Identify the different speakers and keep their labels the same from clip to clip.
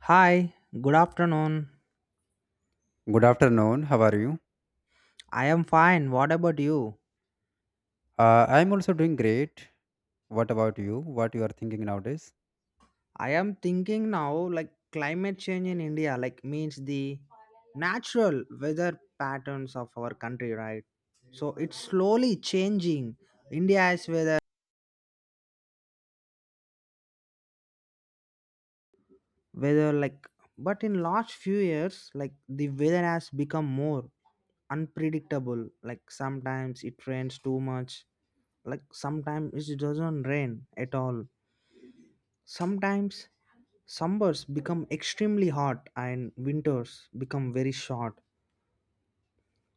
Speaker 1: Hi, good afternoon.
Speaker 2: Good afternoon. How are you?
Speaker 1: I am fine. What about you?
Speaker 2: I'm also doing great. What about you? What you are thinking nowadays?
Speaker 1: I am thinking now like climate change in India, like means the natural weather patterns of our country, right? So it's slowly changing India's weather like, but in last few years like the weather has become more unpredictable, like sometimes it rains too much, like sometimes it doesn't rain at all, sometimes summers become extremely hot and winters become very short.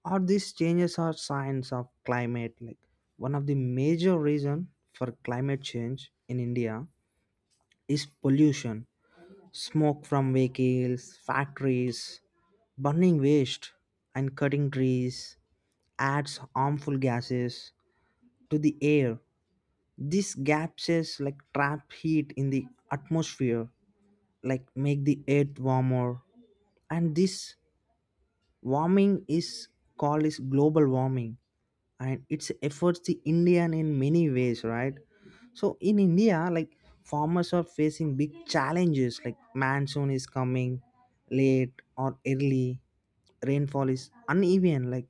Speaker 1: Or these changes are signs of climate. Like one of the major reason for climate change in India is pollution, smoke from vehicles, factories, burning waste, and cutting trees adds harmful gases to the air. These gases like trap heat in the atmosphere, like make the earth warmer, and this warming is called is global warming, and its efforts the Indian in many ways, right? So in India like farmers are facing big challenges, like monsoon is coming late or early, rainfall is uneven, like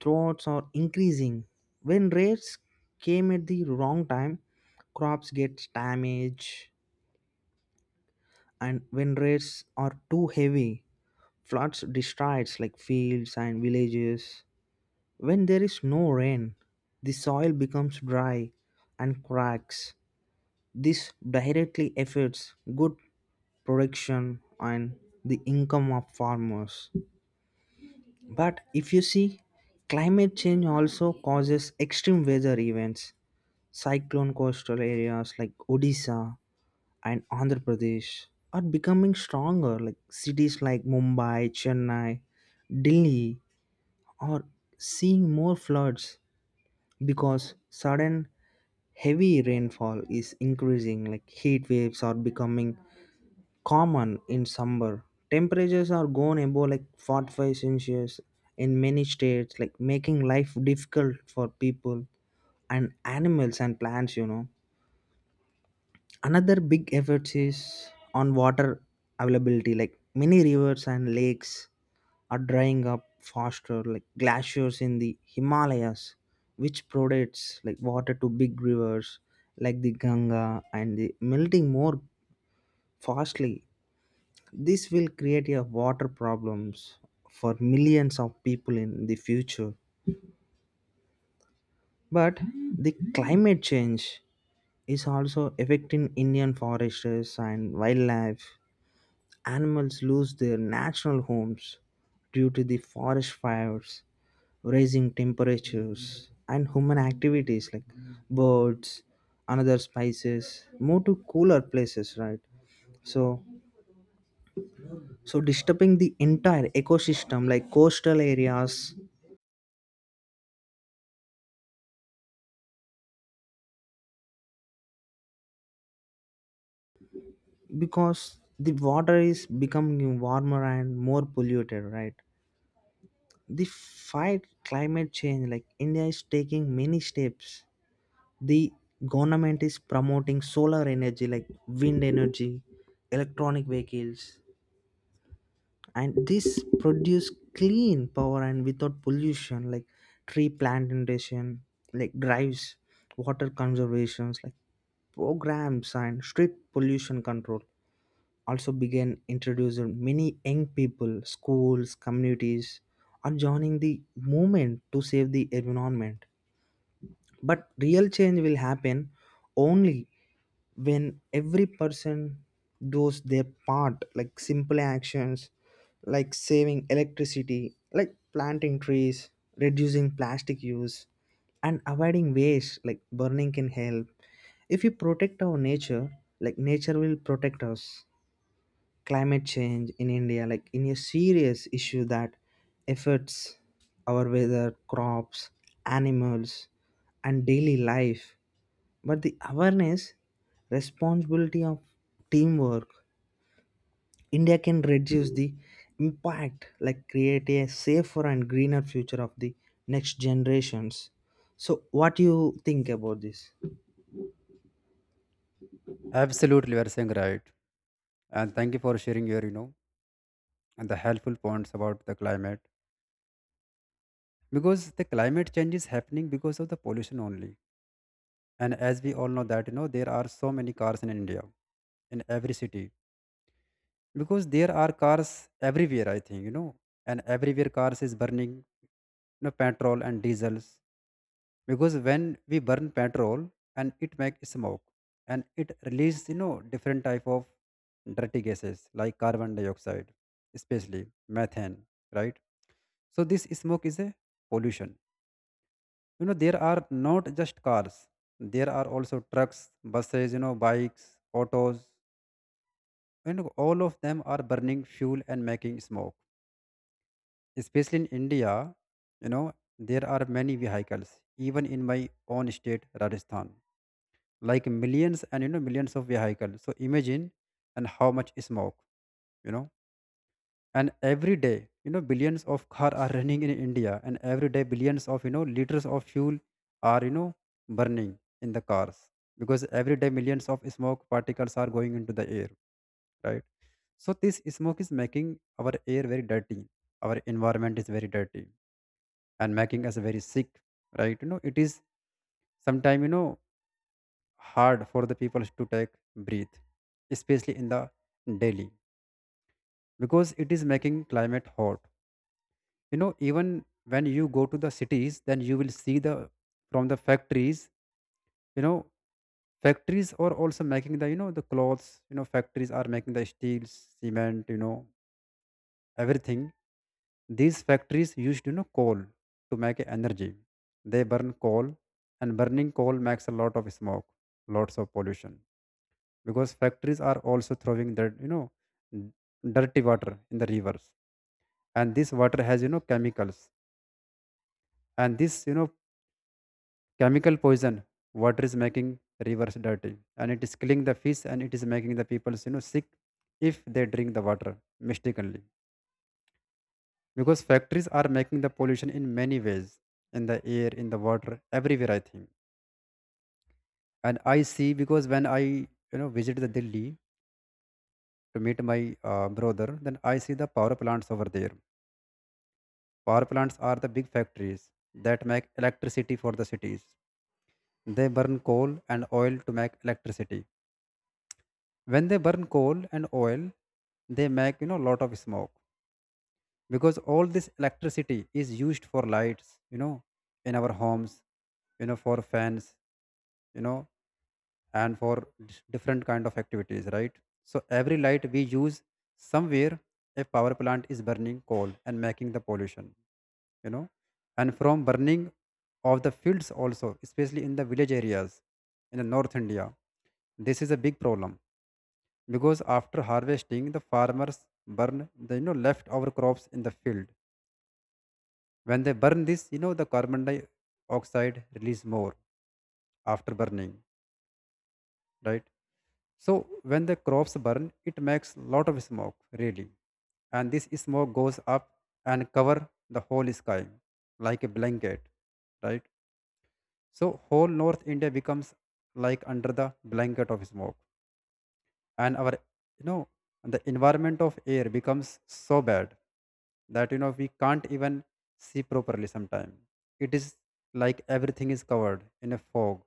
Speaker 1: droughts are increasing. When rains came at the wrong time, crops get damaged, and when rains are too heavy, floods destroys like fields and villages. When there is no rain, the soil becomes dry and cracks. This directly affects good production and the income of farmers. But if you see, climate change also causes extreme weather events. Cyclone coastal areas like Odisha and Andhra Pradesh are becoming stronger, like cities like Mumbai, Chennai, Delhi are seeing more floods because sudden heavy rainfall is increasing, like heat waves are becoming common in summer. Temperatures are going above like 45 celsius in many states, like making life difficult for people and animals and plants, you know. Another big effort is on water availability, like many rivers and lakes are drying up faster, like glaciers in the Himalayas which provides like water to big rivers like the Ganga, and the melting more fastly. This will create a water problems for millions of people in the future. But the climate change is also affecting Indian foresters and wildlife. Animals lose their natural homes due to the forest fires, rising temperatures, and human activities. Like birds another other species move to cooler places, right? So, so disturbing the entire ecosystem, like coastal areas because the water is becoming warmer and more polluted, right? The fight climate change, like India is taking many steps. The government is promoting solar energy, like wind energy, electronic vehicles, and this produce clean power and without pollution, like tree plantation, like drives, water conservations like programs and strict pollution control also began introducing. Many young people, schools, communities are joining the movement to save the environment. But real change will happen only when every person does their part, like simple actions like saving electricity, like planting trees, reducing plastic use, and avoiding waste like burning can help. If we protect our nature, like nature will protect us. Climate change in India like in a serious issue that affects our weather, crops, animals, and daily life. But the awareness, responsibility of teamwork, India can reduce the impact, like create a safer and greener future of the next generations. So what do you think about this?
Speaker 2: Absolutely, you are saying right. And thank you for sharing your and the helpful points about the climate. Because the climate change is happening because of the pollution only. And as we all know that there are so many cars in India, in every city. Because there are cars everywhere, I think, and everywhere cars is burning, you petrol and diesels because when we burn petrol and it makes smoke and it releases different type of dirty gases like carbon dioxide, especially methane, right? So this smoke is a pollution. There are not just cars, there are also trucks, buses, bikes, autos. You know, all of them are burning fuel and making smoke, especially in India. you know there are many vehicles even in my own state Rajasthan, like millions and millions of vehicles. So imagine and how much smoke. you know and every day billions of cars are running in India, and every day billions of liters of fuel are, burning in the cars. Because every day millions of smoke particles are going into the air, right? So this smoke is making our air very dirty, our environment is very dirty, and making us very sick, right? It is sometime hard for the people to take breath, especially in the Delhi, because it is making climate hot. You know, even when you go to the cities, then you will see the from the factories. You know, factories are also making the, the clothes. You know, factories are making the steels, cement, everything. These factories used, coal to make energy. They burn coal, and burning coal makes a lot of smoke, lots of pollution. Because factories are also throwing their, n- dirty water in the rivers, and this water has, chemicals. And this, chemical poison water is making rivers dirty, and it is killing the fish, and it is making the people, sick if they drink the water mistakenly. Because factories are making the pollution in many ways, in the air, in the water, everywhere I think. And I see, because when I, visit the Delhi to meet my brother, then I see the power plants over there. Power plants are the big factories that make electricity for the cities. They burn coal and oil to make electricity. When they burn coal and oil, they make, lot of smoke. Because all this electricity is used for lights, in our homes, for fans, you know, and for different kind of activities, right? So every light we use, somewhere a power plant is burning coal and making the pollution. you know and from burning of the fields also, especially in the village areas in the North India, this is a big problem. Because after harvesting, the farmers burn the, leftover crops in the field. When they burn this, the carbon dioxide release more after burning, right? So when the crops burn, it makes lot of smoke really, and this smoke goes up and cover the whole sky like a blanket, right? So whole North India becomes like under the blanket of smoke, and our, you know and the environment of air becomes so bad that, we can't even see properly sometimes. It is like everything is covered in a fog,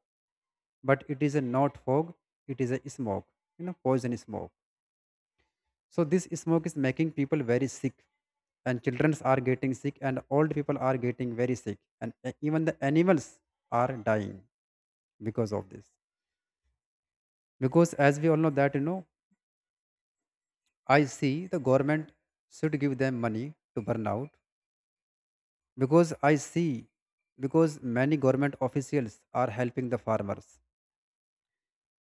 Speaker 2: but it is a not fog; it is a smoke, poison smoke. So this smoke is making people very sick, and children are getting sick, and old people are getting very sick, and, even the animals are dying because of this. Because as we all know that, I see the government should give them money to burn out. Because I see, because many government officials are helping the farmers.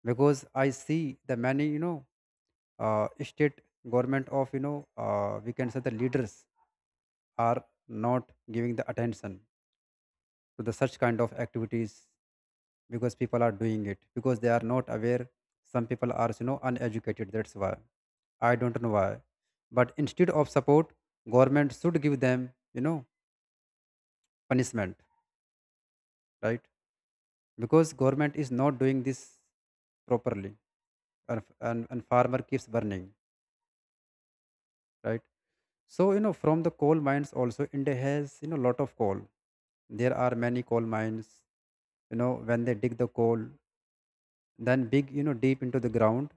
Speaker 2: Because I see the many, state government of, we can say the leaders, are not giving the attention to the such kind of activities. Because people are doing it because they are not aware. Some people are, uneducated, that's why. I don't know why. But instead of support, government should give them, punishment, right? Because government is not doing this properly, and farmer keeps burning, right? So, from the coal mines also, India has, lot of coal. There are many coal mines. You know, when they dig the coal, then big, deep into the ground,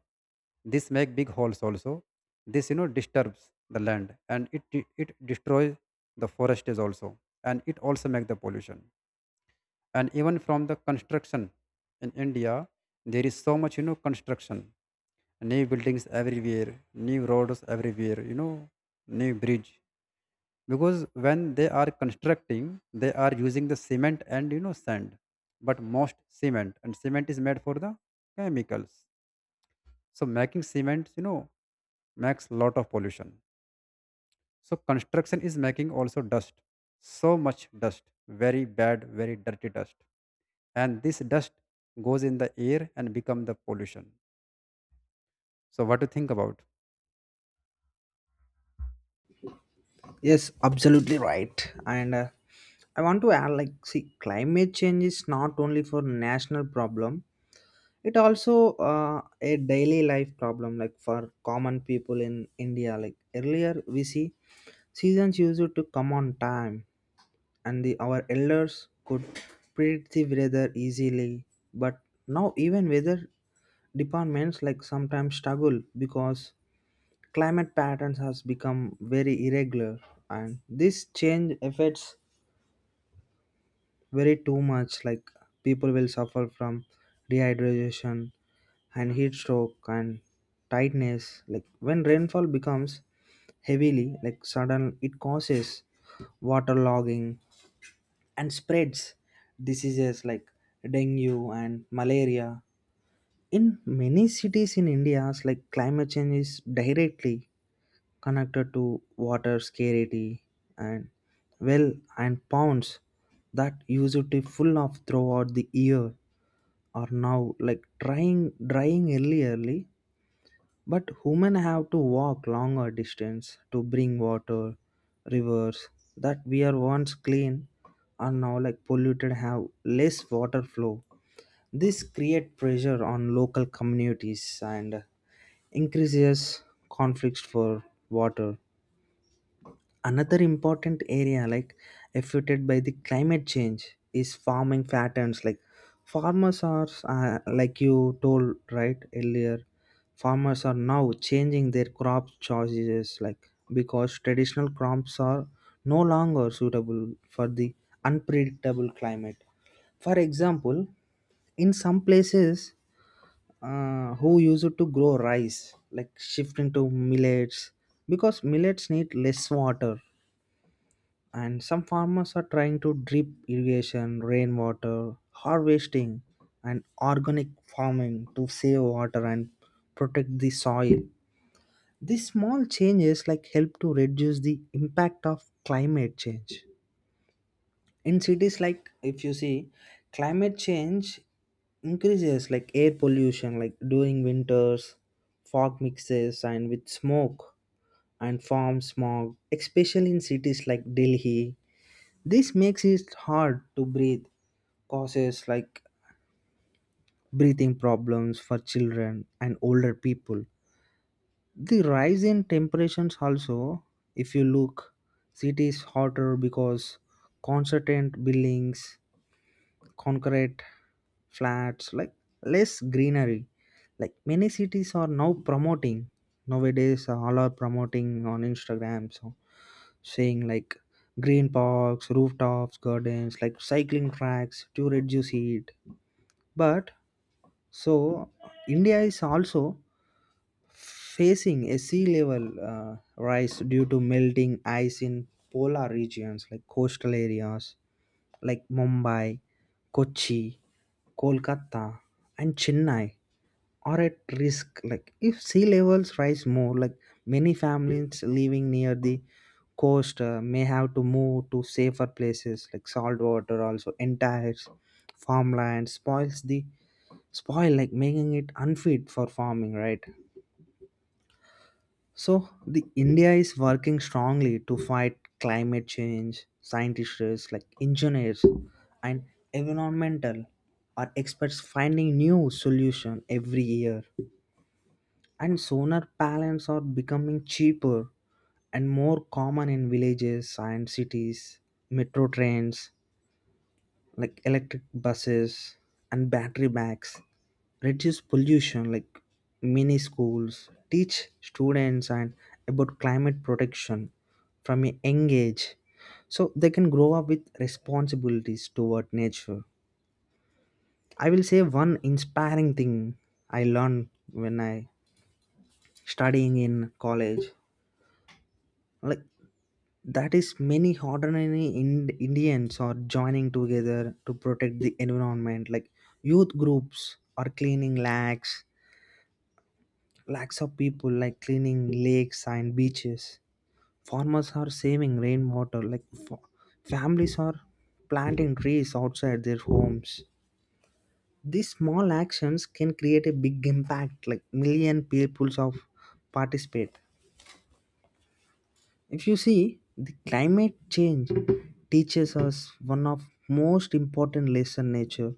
Speaker 2: this make big holes also. This, disturbs the land, and it it destroys the forest is also, and it also make the pollution. And even from the construction in India, there is so much, construction. New buildings everywhere, new roads everywhere, new bridge. Because when they are constructing, they are using the cement and, sand. But most cement, and cement is made for the chemicals. So making cement, makes lot of pollution. So construction is making also dust. So much dust, very bad, very dirty dust. And this dust goes in the air and become the pollution. So what do you think about?
Speaker 1: Yes, absolutely right. And I want to add, like see, climate change is not only for national problem, it also uh, a daily life problem, like for common people in India. Like earlier we see seasons used to come on time, and our elders could predict the weather easily. But now, even weather departments like sometimes struggle because climate patterns has become very irregular, and this change affects very too much. Like people will suffer from dehydration and heat stroke and tightness. Like when rainfall becomes heavily, like sudden, it causes waterlogging and spreads diseases like dengue and malaria. In many cities in India, like climate change is directly connected to water scarcity, and well and ponds that used to full of throughout the year are now like trying drying early. But women have to walk longer distance to bring water. Rivers that were once clean are now like polluted have less water flow. This create pressure on local communities and increases conflicts for water. Another important area like affected by the climate change is farming patterns, like farmers are like you told right earlier, farmers are now changing their crop choices, like because traditional crops are no longer suitable for the unpredictable climate. For example, in some places, who used to grow rice, like shift into millets because millets need less water. And some farmers are trying to drip irrigation, rainwater harvesting, and organic farming to save water and protect the soil. These small changes like help to reduce the impact of climate change. In cities like if you see, climate change increases like air pollution, like during winters fog mixes and with smoke and farm smog, especially in cities like Delhi. This makes it hard to breathe, causes like breathing problems for children and older people. The rise in temperatures also, if you look, cities hotter because constant buildings, concrete flats, like less greenery. Like many cities are now promoting nowadays, all are promoting on Instagram. So, saying like green parks, rooftops, gardens, like cycling tracks to reduce heat. But so India is also facing a sea level rise due to melting ice in polar regions, like coastal areas like Mumbai, Kochi, Kolkata, and Chennai are at risk. Like if sea levels rise more, like many families living near the coast may have to move to safer places, like salt water also entire farmland spoils the spoil, like making it unfit for farming, right? So the India is working strongly to fight climate change. Scientists like engineers and environmental are experts finding new solution every year. And solar panels are becoming cheaper and more common in villages and cities. Metro trains, like electric buses, and battery bags reduce pollution, like mini schools teach students and about climate protection from a young age so they can grow up with responsibilities toward nature. I will say one inspiring thing I learned when I studying in college. Like that is many ordinary Indians are joining together to protect the environment. Like youth groups are cleaning lakhs, lakhs of people like cleaning lakes and beaches. Farmers are saving rainwater. Like families are planting trees outside their homes. These small actions can create a big impact. Like million peoples of participate. If you see, the climate change teaches us one of most important lesson. Nature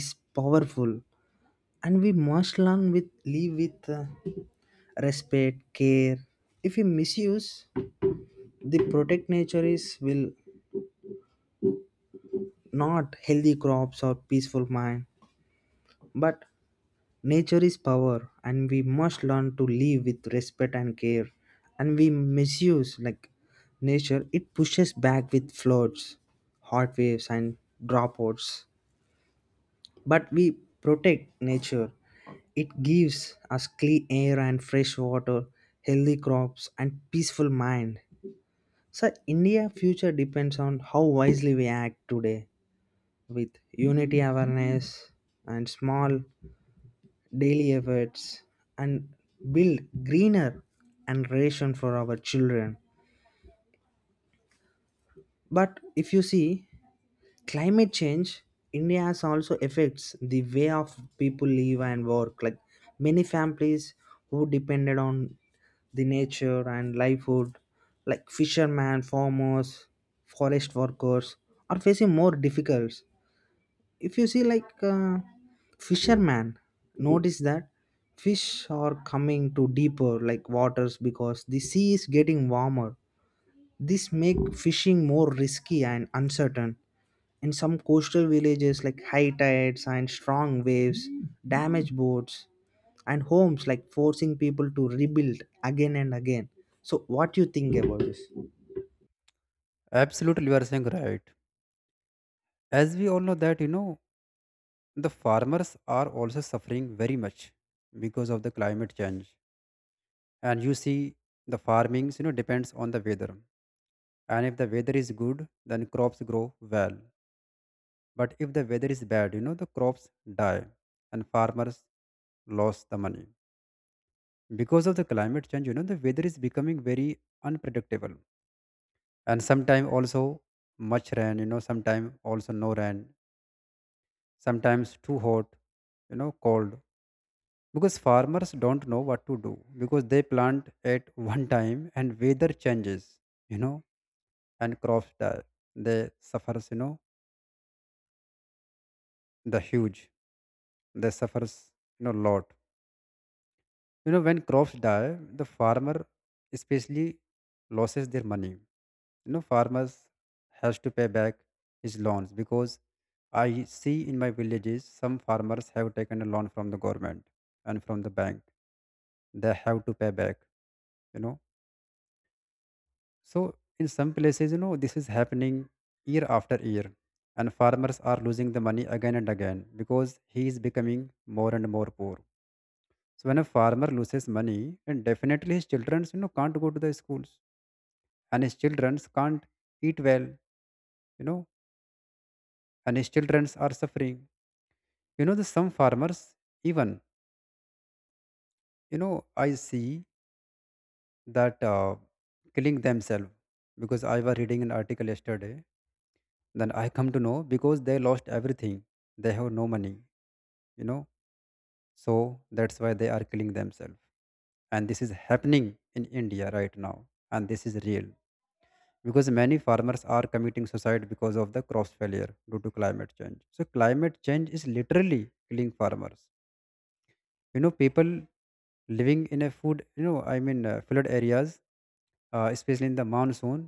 Speaker 1: is powerful, and we must learn with live with respect, care. If we misuse the protect nature is will not healthy crops or peaceful mind. But nature is power, and we must learn to live with respect and care. And we misuse like nature, it pushes back with floods, hot waves, and dropouts. But we protect nature, it gives us clean air and fresh water, healthy crops, and peaceful mind. So India future depends on how wisely we act today with unity, awareness, and small daily efforts, and build greener and ration for our children. But if you see, climate change India has also affects the way of people live and work. Like many families who depended on the nature and livelihood, like fishermen, farmers, forest workers, are facing more difficulties. If you see, like fisherman notice that fish are coming to deeper like waters because the sea is getting warmer. This make fishing more risky and uncertain. In some coastal villages, like high tides and strong waves damage boats and homes, like forcing people to rebuild again and again. So what do you think about this?
Speaker 2: Absolutely, you are saying right. As we all know that, the farmers are also suffering very much because of the climate change. And you see the farmings, depends on the weather. And if the weather is good, then crops grow well. But if the weather is bad, the crops die and farmers lost the money. Because of the climate change, the weather is becoming very unpredictable. And sometime also much rain, sometime also no rain, sometimes too hot, cold. Because farmers don't know what to do, because they plant at one time and weather changes, you know and crops die. They suffers, the huge, they suffers, lot. You know, when crops die, the farmer especially loses their money. You know, farmers has to pay back his loans, because I see in my villages some farmers have taken a loan from the government and from the bank. They have to pay back, you know. So in some places, this is happening year after year, and farmers are losing the money again and again, because he is becoming more and more poor. So when a farmer loses money, then definitely his children, can't go to the schools, and his children can't eat well, you know, and his children are suffering. The some farmers even, I see that, killing themselves. Because I was reading an article yesterday, then I come to know, because they lost everything, they have no money, you know, so that's why they are killing themselves. And this is happening in India right now, and this is real. Because many farmers are committing suicide because of the crop failure due to climate change. So climate change is literally killing farmers. People living in a food you know I mean flood areas, especially in the monsoon,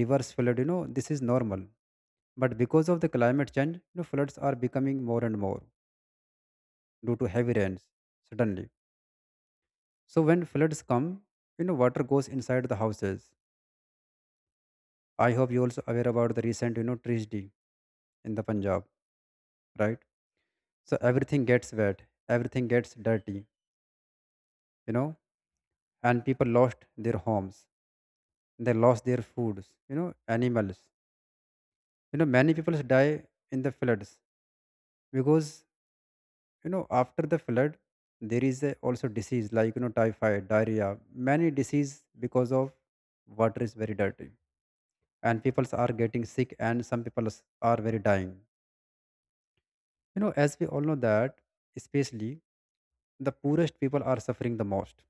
Speaker 2: rivers flood, this is normal. But because of the climate change, floods are becoming more and more due to heavy rains suddenly. So when floods come, water goes inside the houses. I hope you also aware about the recent, tragedy in the Punjab, right? So everything gets wet, everything gets dirty, you know, and people lost their homes, they lost their foods, animals. You know, many people die in the floods because, after the flood, there is a, also disease like, typhoid, diarrhea, many disease because of water is very dirty, and people are getting sick, and some people are very dying. You know, as we all know that, especially the poorest people are suffering the most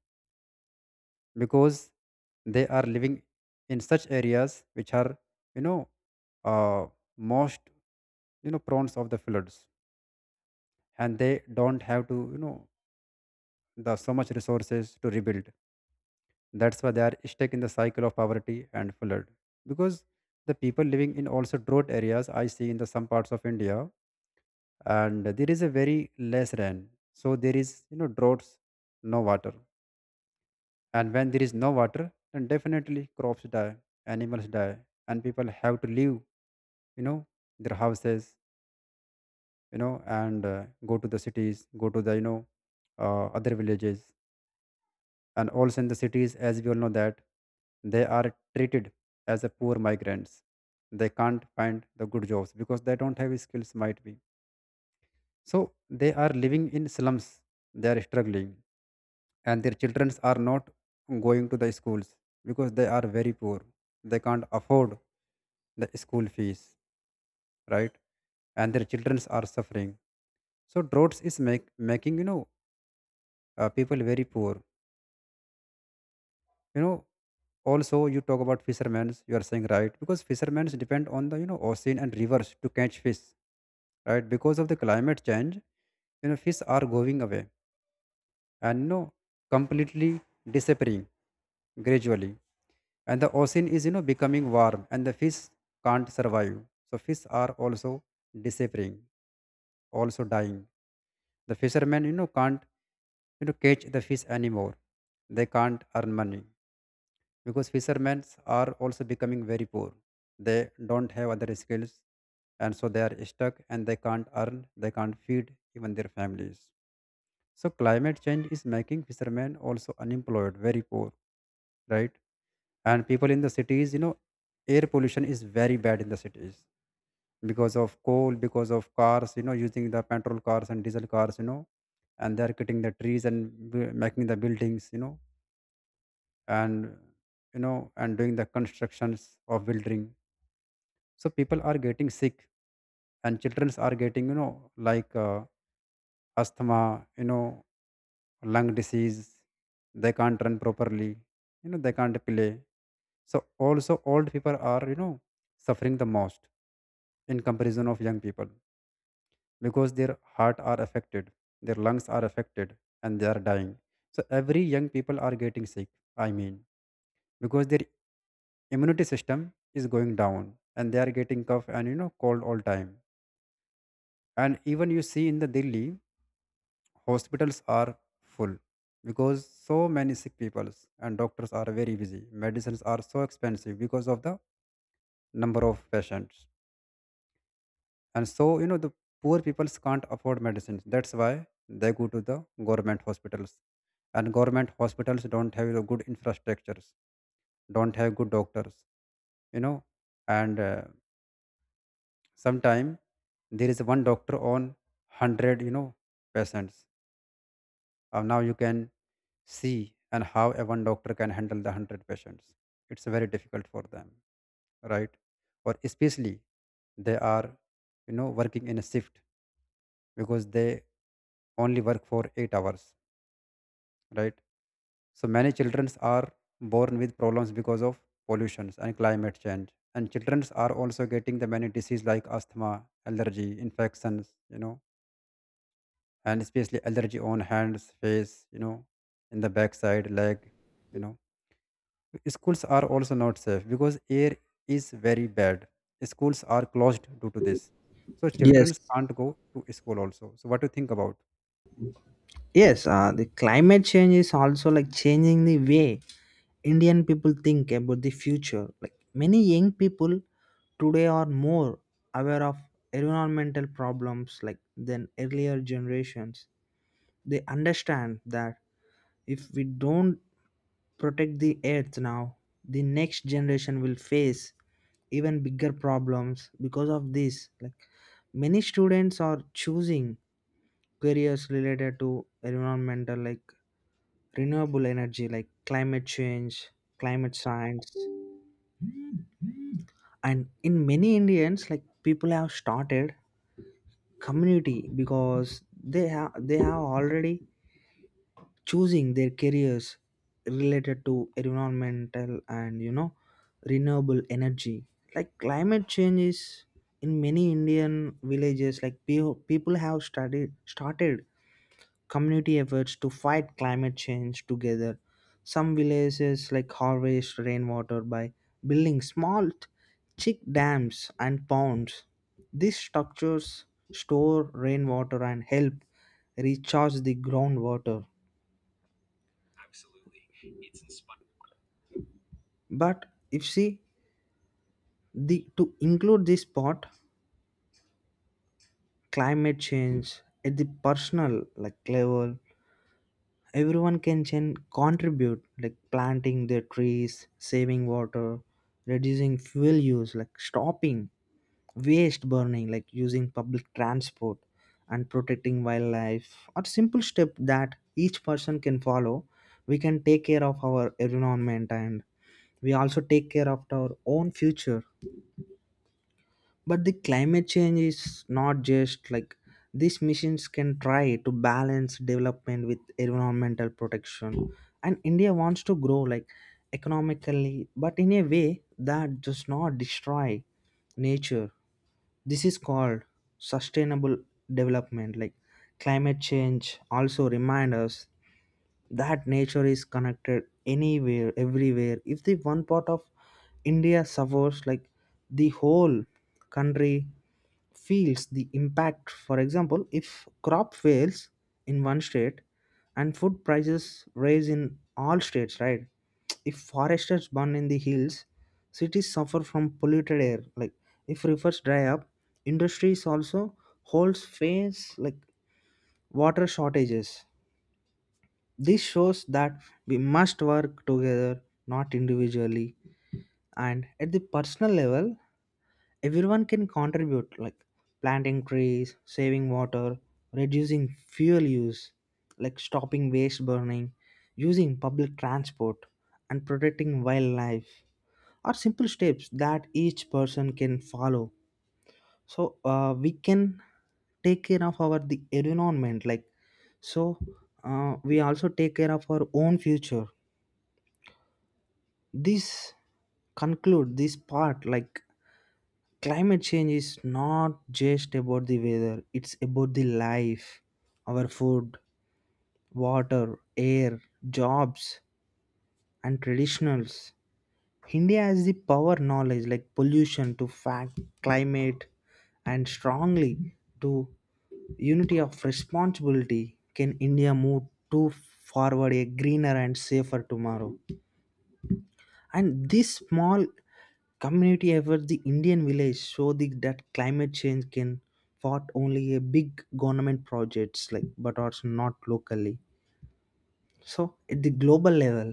Speaker 2: because they are living in such areas which are you know uh, most prone of the floods, and they don't have to, you know, the so much resources to rebuild. That's why they are stuck in the cycle of poverty and flood, because the people living in also drought areas, I see in the some parts of India, and there is a very less rain, so there is, you know, droughts, no water. And when there is no water, then definitely crops die, animals die, and people have to leave, know their houses, you know and go to the cities, go to the, other villages. And also in the cities, as we all know that, they are treated as a poor migrants. They can't find the good jobs because they don't have skills, might be, so they are living in slums, they are struggling, and their children are not going to the schools because they are very poor, they can't afford the school fees, right? And their children are suffering. So droughts is making, people very poor, you know also you talk about fishermen, you are saying, right? Because fishermen depend on the, you know, ocean and rivers to catch fish, right? Because of the climate change, you know, fish are going away and, you know, completely disappearing gradually. And the ocean is, you know, becoming warm, and the fish can't survive. So fish are also disappearing, also dying. The fishermen, you know, can't, you know, catch the fish anymore, they can't earn money, because fishermen are also becoming very poor. They don't have other skills, and so they are stuck and they can't earn, they can't feed even their families. So climate change is making fishermen also unemployed, very poor, right? And people in the cities, you know, air pollution is very bad in the cities because of coal, because of cars, you know, using the petrol cars and diesel cars, and they're cutting the trees and making the buildings, and, you know, and doing the constructions of building. So people are getting sick, and children are getting, like uh, asthma, you know, lung disease. They can't run properly, you know, they can't play. So also old people are, you know, suffering the most in comparison of young people, because their heart are affected, their lungs are affected, and they are dying. So every young people are getting sick, I mean, because their immunity system is going down and they are getting cough and, you know, cold all time. And even you see in the Delhi, hospitals are full, because so many sick peoples, and doctors are very busy, medicines are so expensive because of the number of patients. And so, you know, the poor peoples can't afford medicines, that's why they go to the government hospitals, and government hospitals don't have the good infrastructures, don't have good doctors, you know and sometime there is one doctor on 100, you know, patients. Now you can see, and how a one doctor can handle the 100 patients? It's very difficult for them, right? Or especially they are, you know, working in a shift, because they only work for 8 hours, right? So many children are born with problems because of pollutions and climate change. And children are also getting the many diseases like asthma, allergy, infections, you know, and especially allergy on hands, face, you know, in the backside, leg, you know. Schools are also not safe because air is very bad, schools are closed due to this, so
Speaker 1: Yes.
Speaker 2: children can't go to school also. So what do you think about?
Speaker 1: Yes, the climate change is also like changing the way Indian people think about the future. Like many young people today are more aware of environmental problems like than earlier generations. They understand that if we don't protect the earth now, the next generation will face even bigger problems because of this. Like many students are choosing careers related to environmental, like renewable energy, like climate change, climate science. And in many Indians like people have started community because they have already choosing their careers related to environmental and you know renewable energy. Like climate change is in many Indian villages, like people have studied started community efforts to fight climate change together. Some villages like harvest rainwater by building small chick dams and ponds. These structures store rainwater and help recharge the groundwater. But if see the to include this part, climate change at the personal like level, everyone can contribute, like planting their trees, saving water, reducing fuel use, like stopping waste burning, like using public transport, and protecting wildlife or simple step that each person can follow. We can take care of our environment, and we also take care of our own future. But the climate change is not just like these missions can try to balance development with environmental protection. And India wants to grow like economically, but in a way that does not destroy nature. This is called sustainable development. Like climate change also remind us that nature is connected anywhere, everywhere. If the one part of India suffers like the whole country feels the impact. For example, if crop fails in one state, and food prices rise in all states, right? If forests burn in the hills, cities suffer from polluted air, like if rivers dry up, industries also holds face like water shortages. This shows that we must work together, not individually. And at the personal level, everyone can contribute, like planting trees, saving water, reducing fuel use, like stopping waste burning, using public transport, and protecting wildlife are simple steps that each person can follow. So we can take care of our the environment, like so we also take care of our own future. This conclude this part, like climate change is not just about the weather, it's about the life, our food, water, air, jobs, and traditionals. India has the power, knowledge, like pollution to fact climate, and strongly to unity of responsibility can India move to forward a greener and safer tomorrow. And this small community effort the Indian village show that climate change can fought only a big government projects, like but also not locally. So at the global level,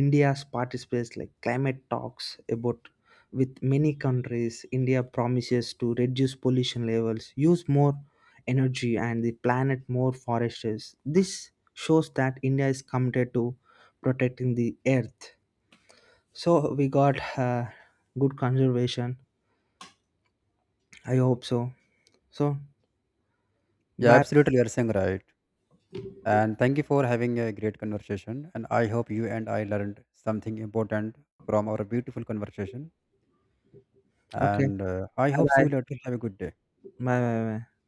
Speaker 1: India's participates like climate talks about with many countries. India promises to reduce pollution levels, use more energy and the planet more forests. This shows that India is committed to protecting the earth. So we got good conservation. I hope so. So
Speaker 2: Yeah,
Speaker 1: bye.
Speaker 2: absolutely, you're saying right. And thank you for having a great conversation, and I hope you and I learned something important from our beautiful conversation.
Speaker 1: Okay.
Speaker 2: And I
Speaker 1: Bye
Speaker 2: hope see
Speaker 1: bye.
Speaker 2: you later, have a good day.
Speaker 1: Bye bye. Bye.